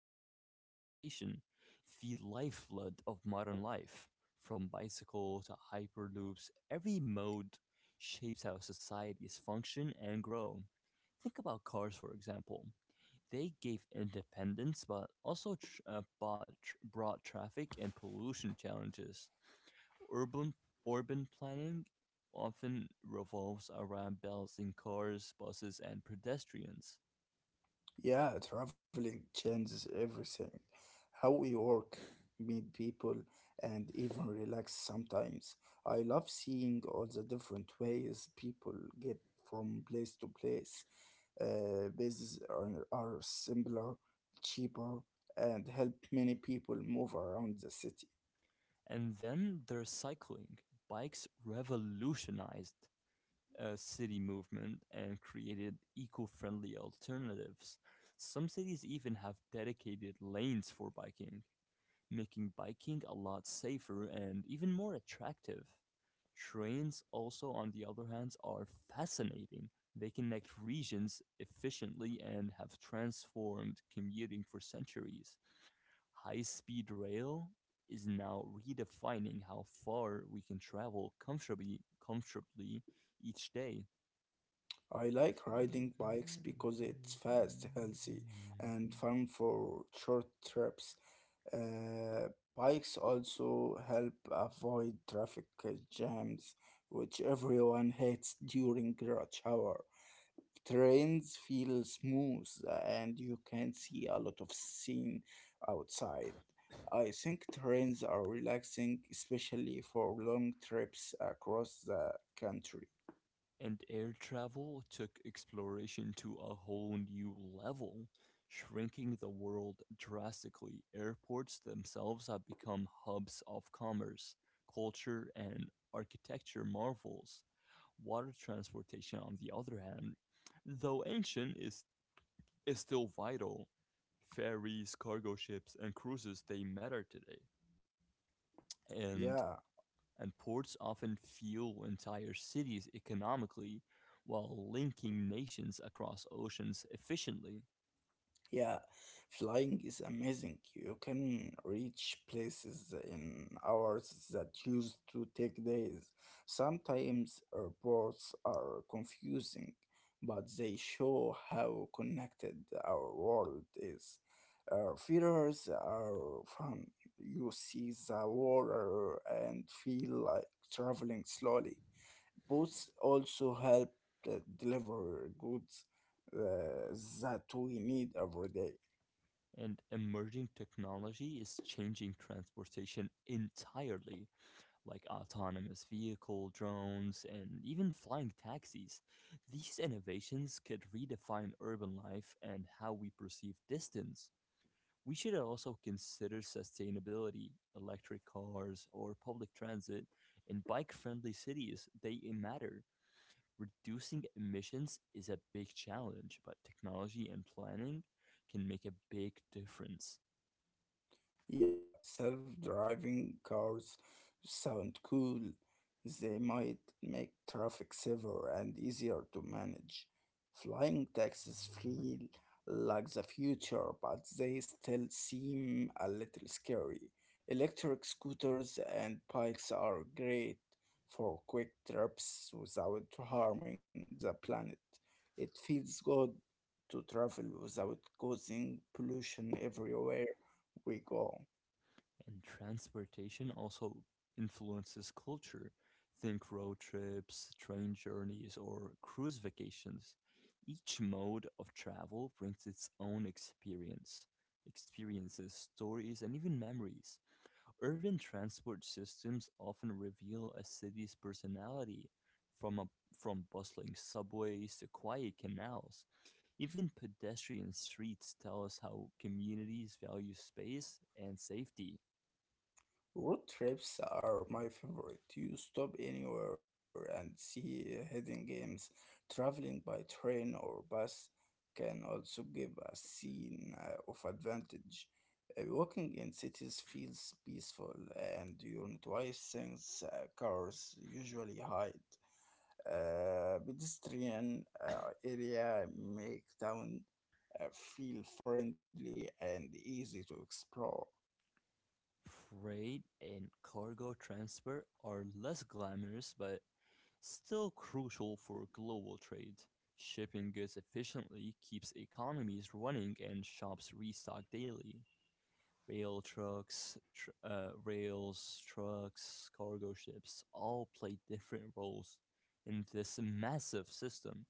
into transportation, the lifeblood of modern life. From bicycle to hyperloops, every mode shapes how societies function and grow. Think about cars, for example. They gave independence but also brought traffic and pollution challenges. Urban, urban planning often revolves around balancing cars, buses, and pedestrians. Yeah, traveling changes everything. How we work, meet people, and even relax sometimes. I love seeing all the different ways people get from place to place. Businesses are simpler, cheaper, and help many people move around the city. And then there's cycling. Bikes revolutionized city movement and created eco-friendly alternatives. Some cities even have dedicated lanes for biking, making biking a lot safer and even more attractive. Trains, also, on the other hand, are fascinating. They connect regions efficiently and have transformed commuting for centuries. High speed rail is now redefining how far we can travel comfortably each day. I like Somebody riding come bikes get her. because it's fast, healthy, and fun for short trips. Bikes also help avoid traffic jams, which everyone hates during rush hour. Trains feel smooth and you can see a lot of scene outside. I think trains are relaxing, especially for long trips across the country. And air travel took exploration to a whole new level, shrinking the world drastically. Airports themselves have become hubs of commerce, culture, and architecture marvels. Water transportation, on the other hand, though ancient, is still vital. Ferries, cargo ships, and cruises, they matter today. And, Yeah. and ports often fuel entire cities economically while linking nations across oceans efficiently. Yeah, flying is amazing. You can reach places in hours that used to take days. Sometimes airports are confusing, but they show how connected our world is. Theaters are fun. You see the water and feel like traveling slowly. Boats also help deliver goods uh, that we need every day. And emerging technology is changing transportation entirely, like autonomous vehicle, drones, and even flying taxis. These innovations could redefine urban life and how we perceive distance. We should also consider sustainability, electric cars, or public transit. In bike friendly cities, they matter. Reducing emissions is a big challenge, but technology and planning can make a big difference. Yeah, self-driving cars sound cool. They might make traffic safer and easier to manage. Flying taxis feel like the future, but they still seem a little scary. Electric scooters and bikes are great for quick trips without harming the planet. It feels good to travel without causing pollution everywhere we go. And transportation also influences culture. Think road trips, train journeys, or cruise vacations. Each mode of travel brings its own experiences, stories, and even memories. Urban transport systems often reveal a city's personality, from a, from bustling subways to quiet canals. Even pedestrian streets tell us how communities value space and safety. Road trips are my favorite. You stop anywhere and see hidden games. Traveling by train or bus can also give a scene of advantage. Walking in cities feels peaceful, and you notice things cars usually hide. Pedestrian area make town feel friendly and easy to explore. Freight and cargo transfer are less glamorous but still crucial for global trade. Shipping goods efficiently keeps economies running and shops restock daily. Rails, trucks, cargo ships all play different roles in this massive system.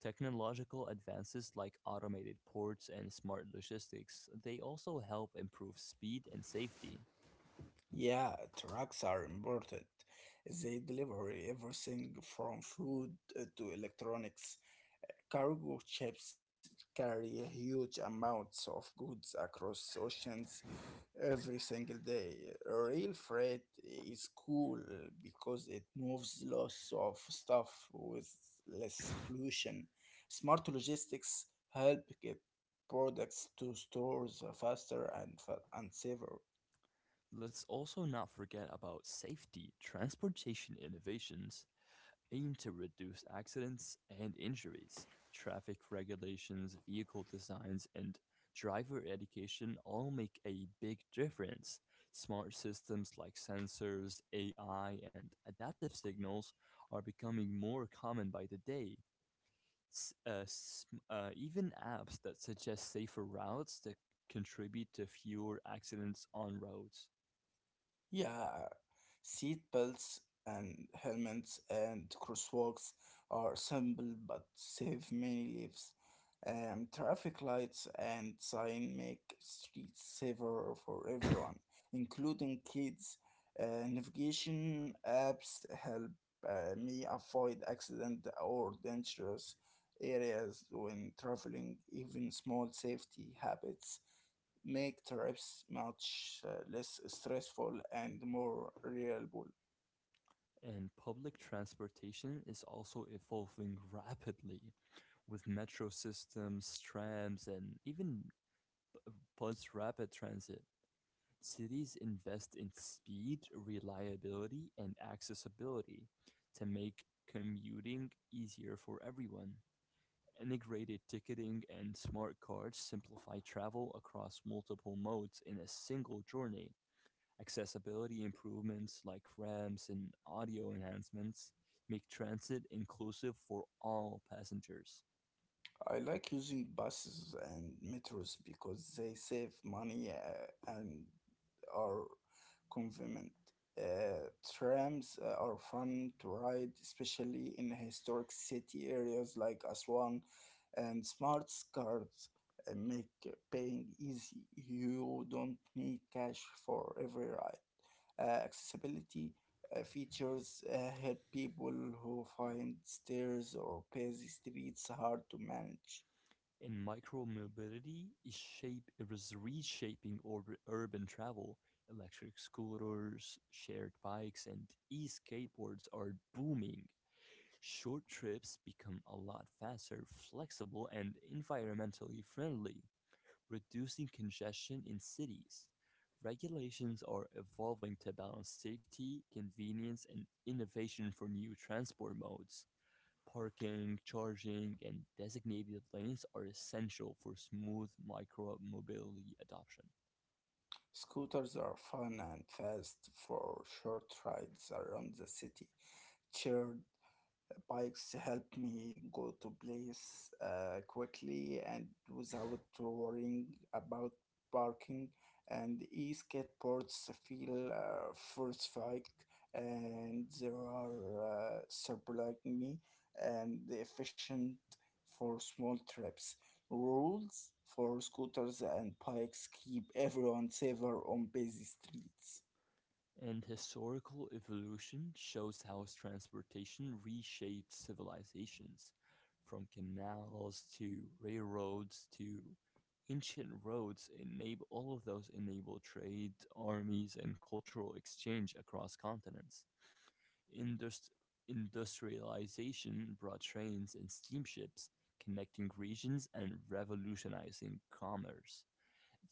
Technological advances like automated ports and smart logistics, they also help improve speed and safety. Yeah, trucks are important. They deliver everything from food to electronics. Cargo ships carry huge amounts of goods across oceans every single day. Rail freight is cool because it moves lots of stuff with less pollution. Smart logistics help get products to stores faster and safer. Let's also not forget about safety. Transportation innovations aim to reduce accidents and injuries. Traffic regulations, vehicle designs, and driver education all make a big difference. Smart systems like sensors, AI, and adaptive signals are becoming more common by the day. Even apps that suggest safer routes that contribute to fewer accidents on roads. Yeah, seat belts and helmets and crosswalks are simple but save many lives. And traffic lights and sign make streets safer for everyone, including kids. Navigation apps help me avoid accident or dangerous areas when traveling. Even small safety habits make trips much less stressful and more reliable. And public transportation is also evolving rapidly with metro systems, trams, and even Bus Rapid Transit. Cities invest in speed, reliability, and accessibility to make commuting easier for everyone. Integrated ticketing and smart cards simplify travel across multiple modes in a single journey. Accessibility improvements like ramps and audio enhancements make transit inclusive for all passengers. I like using buses and metros because they save money and are convenient. Uh, trams are fun to ride, especially in historic city areas like Aswan, and smart cards make paying easy. You don't need cash for every ride. Accessibility features help people who find stairs or busy streets hard to manage. And micromobility is reshaping urban travel. Electric scooters, shared bikes, and e-skateboards are booming. Short trips become a lot faster, flexible, and environmentally friendly, reducing congestion in cities. Regulations are evolving to balance safety, convenience, and innovation for new transport modes. Parking, charging, and designated lanes are essential for smooth micromobility adoption. Scooters are fun and fast for short rides around the city, shared bikes help me go to place quickly and without worrying about parking, and e-skateboards feel first bike and they are surprisingly and efficient for small trips. Rules for scooters and bikes keep everyone safer on busy streets. And historical evolution shows how transportation reshaped civilizations, from canals to railroads to ancient roads enable all of those enable trade, armies, and cultural exchange across continents. Indust- Industrialization brought trains and steamships, connecting regions and revolutionizing commerce.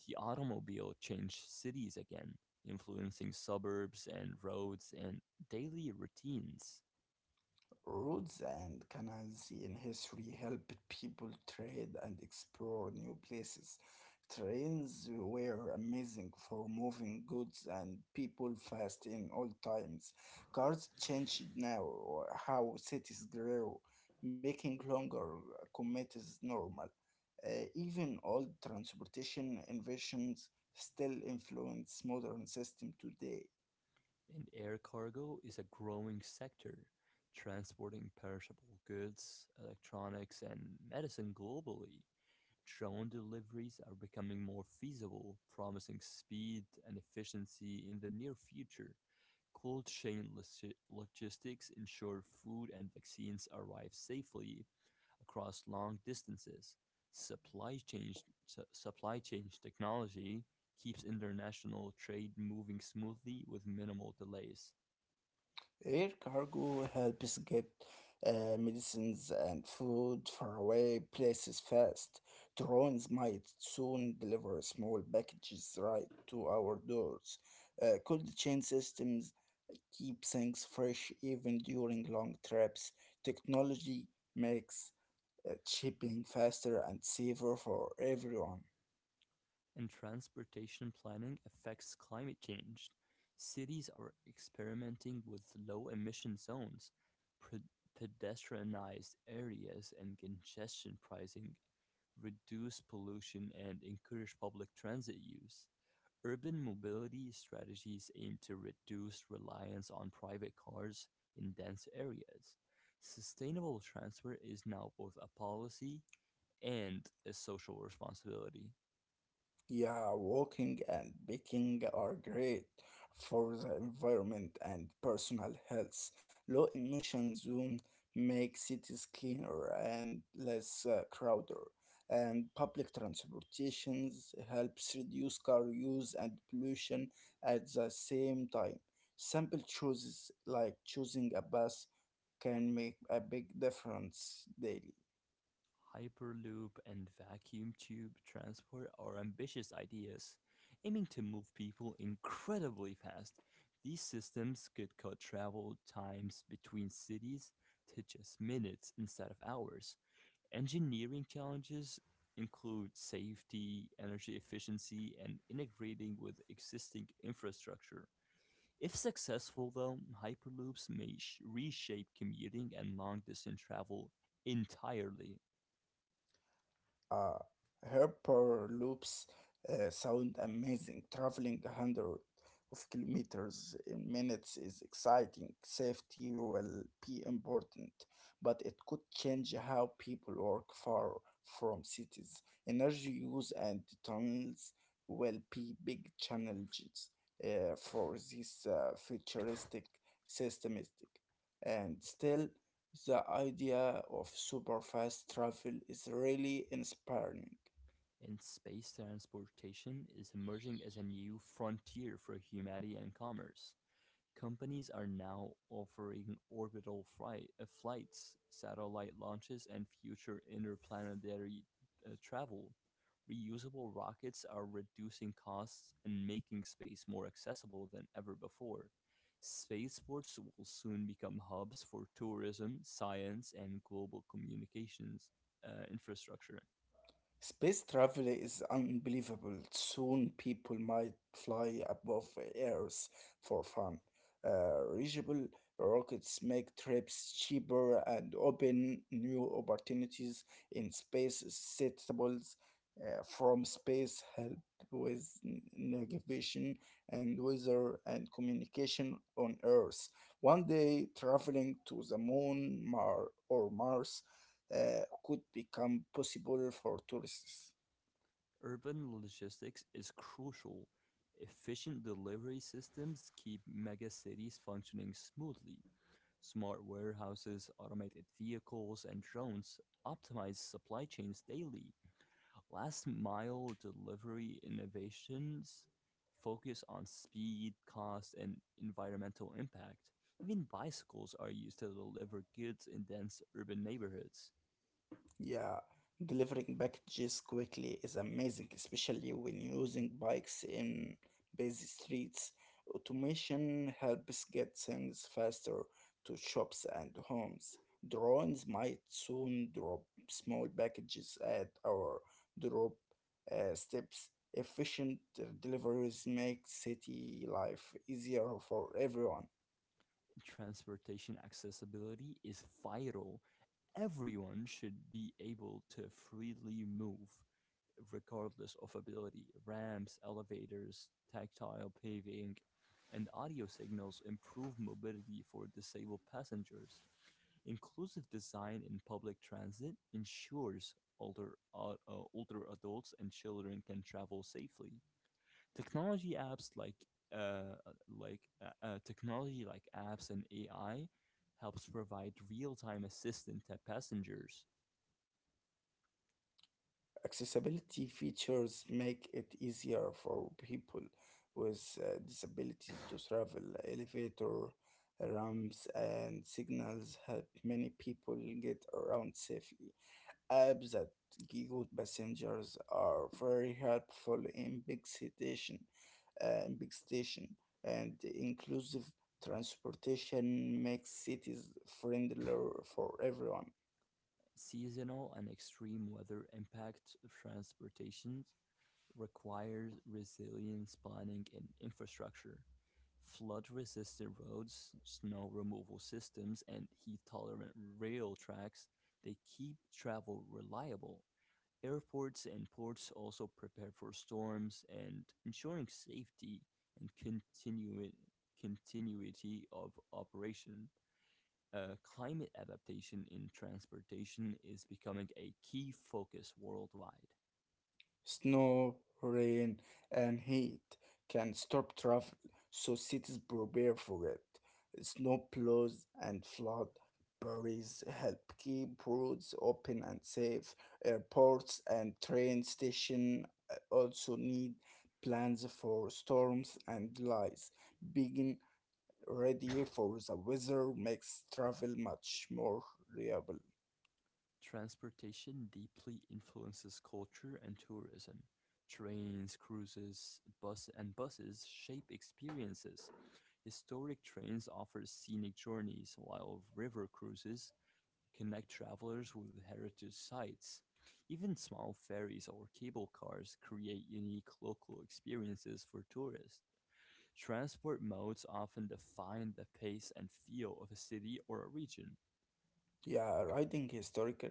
The automobile changed cities again, influencing suburbs and roads and daily routines. Roads and canals in history helped people trade and explore new places. Trains were amazing for moving goods and people fast in all times. Cars changed now how cities grew, making longer commutes normal. Even old transportation inventions still influence modern system today. And air cargo is a growing sector, transporting perishable goods, electronics, and medicine globally. Drone deliveries are becoming more feasible, promising speed and efficiency in the near future. Logistics ensure food and vaccines arrive safely across long distances. Supply chain Supply chain technology keeps international trade moving smoothly with minimal delays. Air cargo helps get medicines and food far away places fast. Drones might soon deliver small packages right to our doors. Cold chain systems keep things fresh even during long trips. Technology makes shipping faster and safer for everyone. And transportation planning affects climate change. Cities are experimenting with low emission zones, pre- pedestrianized areas, and congestion pricing reduce pollution and encourage public transit use. Urban mobility strategies aim to reduce reliance on private cars in dense areas. Sustainable transport is now both a policy and a social responsibility. Yeah, walking and biking are great for the environment and personal health. Low emission zone make cities cleaner and less crowded, and public transportations helps reduce car use and pollution at the same time. Simple choices like choosing a bus can make a big difference daily. Hyperloop and vacuum tube transport are ambitious ideas, aiming to move people incredibly fast. These systems could cut travel times between cities to just minutes instead of hours. Engineering challenges include safety, energy efficiency, and integrating with existing infrastructure. If successful, though, Hyperloops may reshape commuting and long distance travel entirely. Uh, Hyperloops sound amazing. Traveling hundreds of kilometers in minutes is exciting. Safety will be important, but it could change how people work far from cities. Energy use and tunnels will be big challenges for this futuristic systematic. And still, the idea of super fast travel is really inspiring. And space transportation is emerging as a new frontier for humanity and commerce. Companies are now offering flights, satellite launches, and future interplanetary travel. Reusable rockets are reducing costs and making space more accessible than ever before. Spaceports will soon become hubs for tourism, science, and global communications infrastructure. Space travel is unbelievable. Soon people might fly above Earth for fun. Reachable rockets make trips cheaper and open new opportunities in space. Satellites from space help with navigation and weather and communication on Earth. One day, traveling to the Moon, Mar, or Mars could become possible for tourists. Urban logistics is crucial. Efficient delivery systems keep megacities functioning smoothly. Smart warehouses, automated vehicles, and drones optimize supply chains daily. Last mile delivery innovations focus on speed, cost, and environmental impact. Even bicycles are used to deliver goods in dense urban neighborhoods. Yeah, delivering packages quickly is amazing, especially when using bikes in busy streets. Automation helps get things faster to shops and homes. Drones might soon drop small packages at our drop steps. Efficient deliveries make city life easier for everyone. Transportation accessibility is vital. Everyone should be able to freely move, regardless of ability. Ramps, elevators, tactile paving, and audio signals improve mobility for disabled passengers. Inclusive design in public transit ensures older adults and children can travel safely. Technology apps like uh, Technology like apps and AI helps provide real-time assistance to passengers. Accessibility features make it easier for people with disabilities to travel. Elevator ramps and signals help many people get around safely. Apps that guide passengers are very helpful in big station, and inclusive transportation makes cities friendlier for everyone. Seasonal and extreme weather impact of transportation requires resilience planning and infrastructure. Flood resistant roads, snow removal systems, and heat tolerant rail tracks, they keep travel reliable. Airports and ports also prepare for storms and ensuring safety and continuity of operation. Climate adaptation in transportation is becoming a key focus worldwide. Snow, rain, and heat can stop travel, so cities prepare for it. Snowplows and flood barriers help keep roads open and safe. Airports and train stations also need plans for storms and delays. Being ready for the weather makes travel much more reliable. Transportation deeply influences culture and tourism. Trains, cruises, buses shape experiences. Historic trains offer scenic journeys, while river cruises connect travelers with heritage sites. Even small ferries or cable cars create unique local experiences for tourists. Transport modes often define the pace and feel of a city or a region. Yeah, writing historical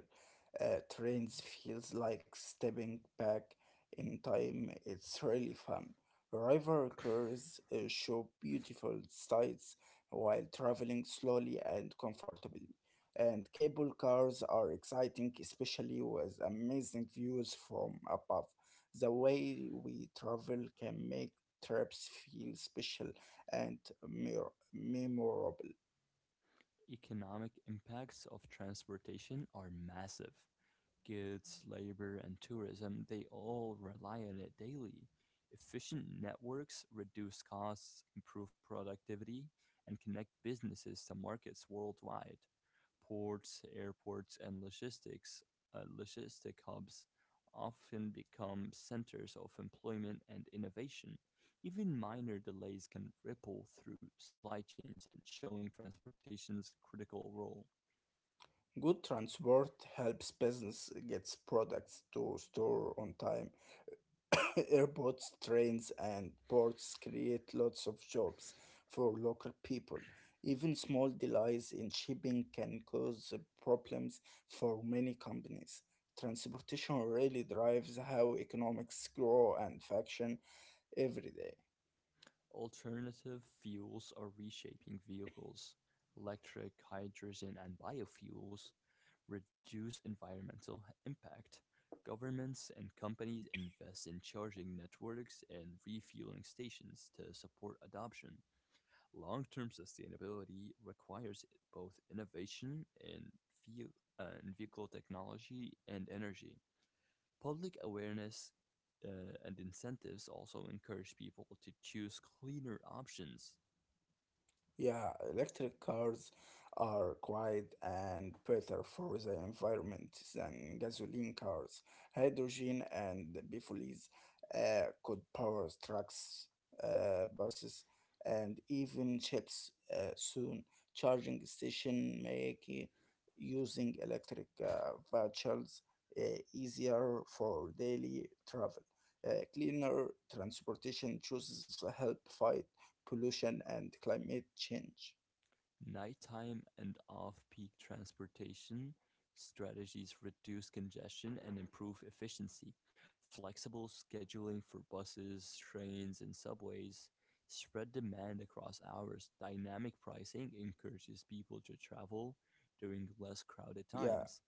trends feels like stepping back in time. It's really fun. River cars show beautiful sights while traveling slowly and comfortably. And cable cars are exciting, especially with amazing views from above. The way we travel can make trips feel special and memorable. Economic impacts of transportation are massive. Goods, labor, and tourism, they all rely on it daily. Efficient networks reduce costs, improve productivity, and connect businesses to markets worldwide. Ports, airports, and logistic hubs often become centers of employment and innovation. Even minor delays can ripple through supply chains and showing transportation's critical role. Good transport helps business gets products to store on time. Airports, trains, and ports create lots of jobs for local people. Even small delays in shipping can cause problems for many companies. Transportation really drives how economics grow and function every day. Alternative fuels are reshaping vehicles. Electric, hydrogen, and biofuels reduce environmental impact. Governments and companies invest in charging networks and refueling stations to support adoption. Long term sustainability requires both ve- in vehicle technology and energy. Public awareness uh, and incentives also encourage people to choose cleaner options. Yeah, electric cars are quiet and better for the environment than gasoline cars. Hydrogen and biofouls could power trucks, buses, and even ships soon. Charging station make using electric vehicles uh, easier for daily travel. Cleaner transportation chooses help fight pollution and climate change. Nighttime and off-peak transportation strategies reduce congestion and improve efficiency. Flexible scheduling for buses, trains, and subways spread demand across hours. Dynamic pricing encourages people to travel during less crowded Yeah, times.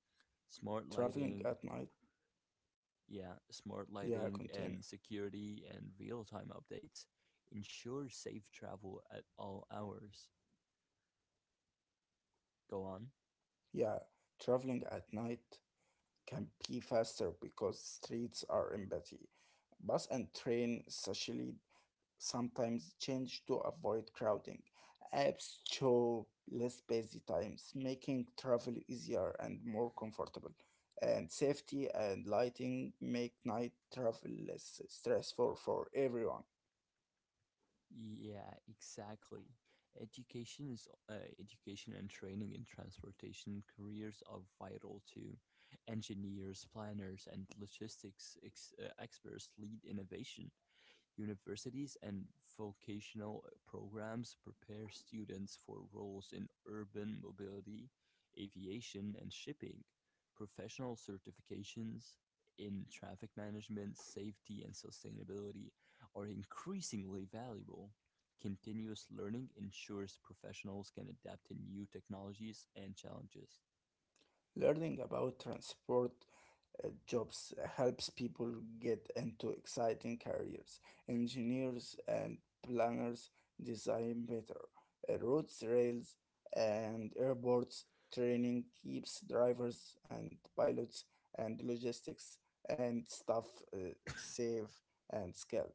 Smart traveling lighting, at night. yeah, Smart Yeah, lighting continue. and security and real-time updates ensure safe travel at all hours. Go on. Yeah, traveling at night can be faster because streets are empty. Bus and train, especially sometimes change to avoid crowding. Apps show less busy times, making travel easier and more comfortable. And safety and lighting make night travel less stressful for everyone. Yeah, exactly. Education is uh, Education and training in transportation careers are vital too. Engineers, planners, and experts lead innovation. Universities and vocational programs prepare students for roles in urban mobility, aviation, and shipping. Professional certifications in traffic management, safety, and sustainability are increasingly valuable. Continuous learning ensures professionals can adapt to new technologies and challenges. Learning about transport jobs helps people get into exciting careers. Engineers and planners design better roads, rails, and airports. Training keeps drivers and pilots and logistics and staff uh, safe and skilled.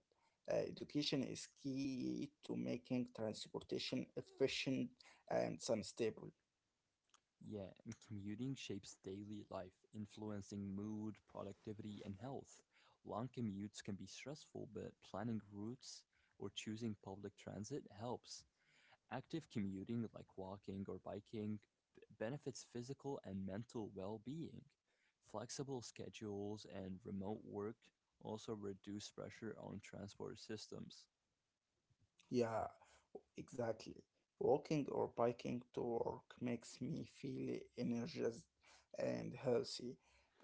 Education is key to making transportation efficient and sustainable. Yeah, commuting shapes daily life, influencing mood, productivity, and health. Long commutes can be stressful, but planning routes or choosing public transit helps. Active commuting, like walking or biking, benefits physical and mental well being. Flexible schedules and remote work also reduce pressure on transport systems. Yeah, exactly. Walking or biking to work makes me feel energized and healthy.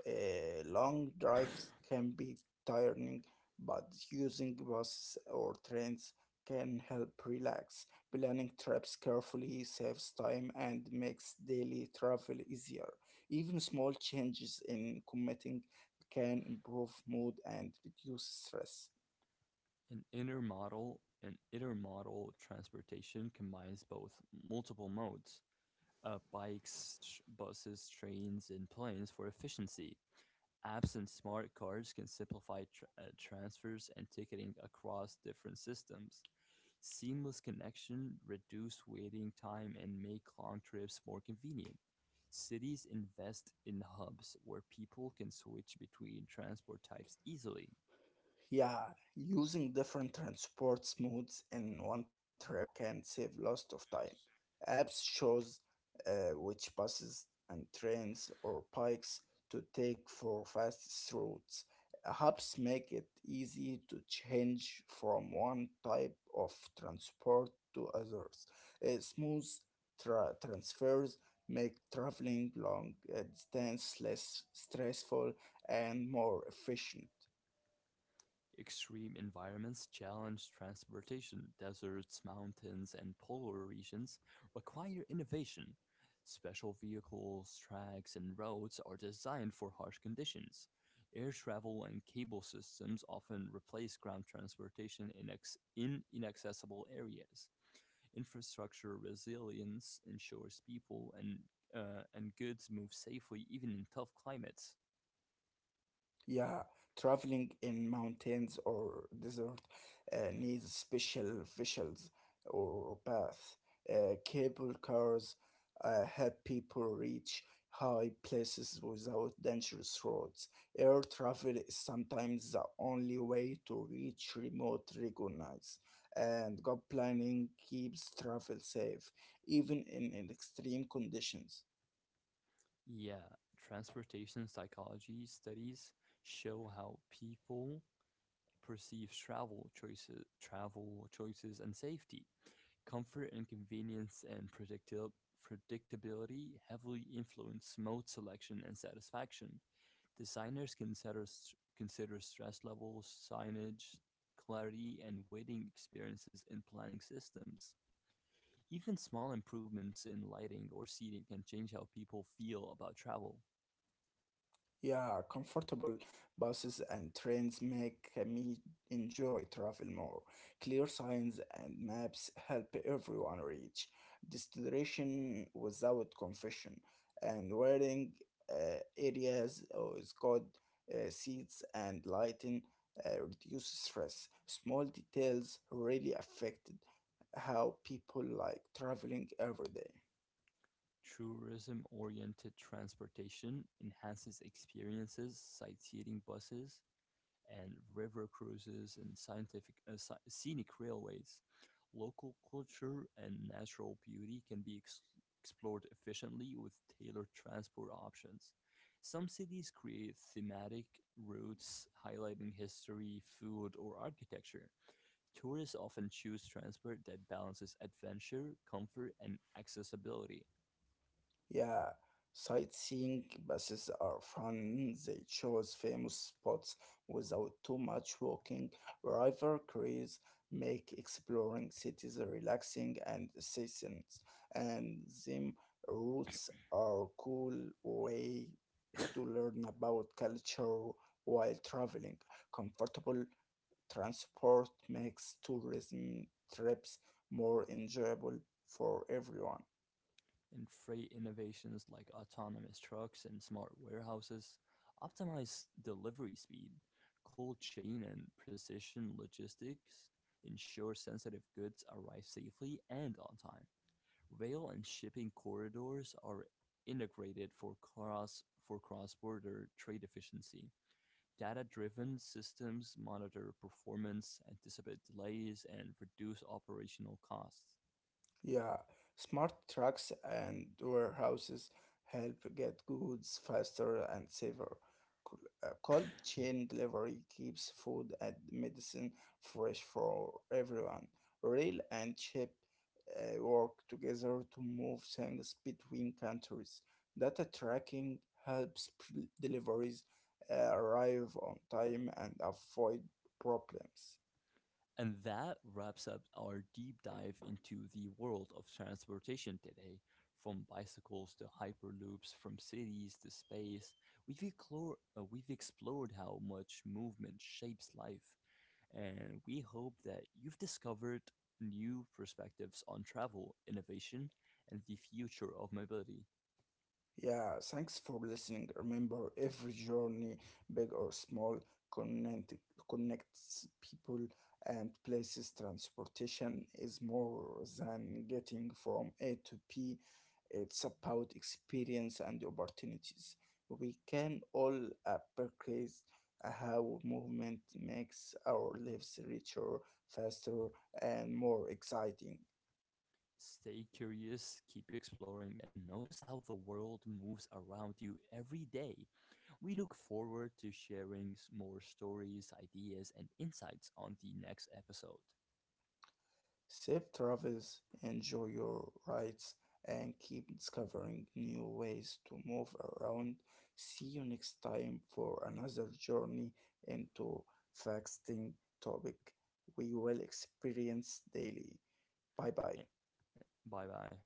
Long drives can be tiring, but using buses or trains can help relax. Planning trips carefully saves time and makes daily travel easier. Even small changes in commuting can improve mood and reduce stress. An intermodal and Intermodal transportation combines both multiple modes, buses, trains, and planes for efficiency. Apps and smart cards can simplify transfers and ticketing across different systems. Seamless connection reduce waiting time and make long trips more convenient. Cities invest in hubs where people can switch between transport types easily. Yeah, using different transport modes in one trip can save lots of time. Apps shows which buses and trains or bikes to take for fastest routes. Hubs make it easy to change from one type of transport to others. Smooth transfers make traveling long distance less stressful and more efficient. Extreme environments challenge transportation. Deserts, mountains, and polar regions require innovation. Special vehicles, tracks, and roads are designed for harsh conditions. Air travel and cable systems often replace ground transportation in inaccessible areas. Infrastructure resilience ensures and goods move safely even in tough climates. Yeah, traveling in mountains or desert needs special vehicles or paths. Cable cars help people reach high places without dangerous roads. Air travel is sometimes the only way to reach remote regions, and good planning keeps travel safe, even in extreme conditions. Yeah, transportation psychology studies show how people perceive travel choices and safety. Comfort and convenience and predictability heavily influence mode selection and satisfaction. Designers consider stress levels, signage, clarity, and waiting experiences in planning systems. Even small improvements in lighting or seating can change how people feel about travel. Yeah, comfortable buses and trains make me enjoy travel more. Clear signs and maps help everyone reach destination without confusion. And wearing uh, areas is good. Seats and lighting reduce stress. Small details really affect how people like traveling every day. Tourism-oriented transportation enhances experiences, sightseeing buses and river cruises and scenic railways. Local culture and natural beauty can be explored efficiently with tailored transport options. Some cities create thematic routes highlighting history, food, or architecture. Tourists often choose transport that balances adventure, comfort, and accessibility. Yeah, sightseeing buses are fun. They choose famous spots without too much walking. River cruises make exploring cities relaxing and seasons, and them routes are cool way to learn about culture while traveling. Comfortable transport makes tourism trips more enjoyable for everyone. In freight innovations like autonomous trucks and smart warehouses, optimize delivery speed, cold chain and precision logistics, ensure sensitive goods arrive safely and on time. Rail and shipping corridors are integrated for cross-border trade efficiency. Data-driven systems monitor performance, anticipate delays, and reduce operational costs. Yeah, smart trucks and warehouses help get goods faster and safer. Cold chain delivery keeps food and medicine fresh for everyone. Rail and ship work together to move things between countries. Data tracking helps deliveries arrive on time and avoid problems. And that wraps up our deep dive into the world of transportation today. From bicycles to hyperloops, from cities to space, we've explored how much movement shapes life, and we hope that you've discovered new perspectives on travel, innovation, and the future of mobility. Yeah, thanks for listening. Remember, every journey, big or small, connect, connects people and places. Transportation is more than getting from A to P, it's about experience and opportunities. We can all appreciate how movement makes our lives richer, faster, and more exciting. Stay curious, keep exploring, and notice how the world moves around you every day. We look forward to more stories, ideas, and insights on the next episode. Safe travels, enjoy your rides, and keep discovering new ways to move around. See you next time for another journey into fasting topic we will experience daily. Bye bye. Eh, Bye bye.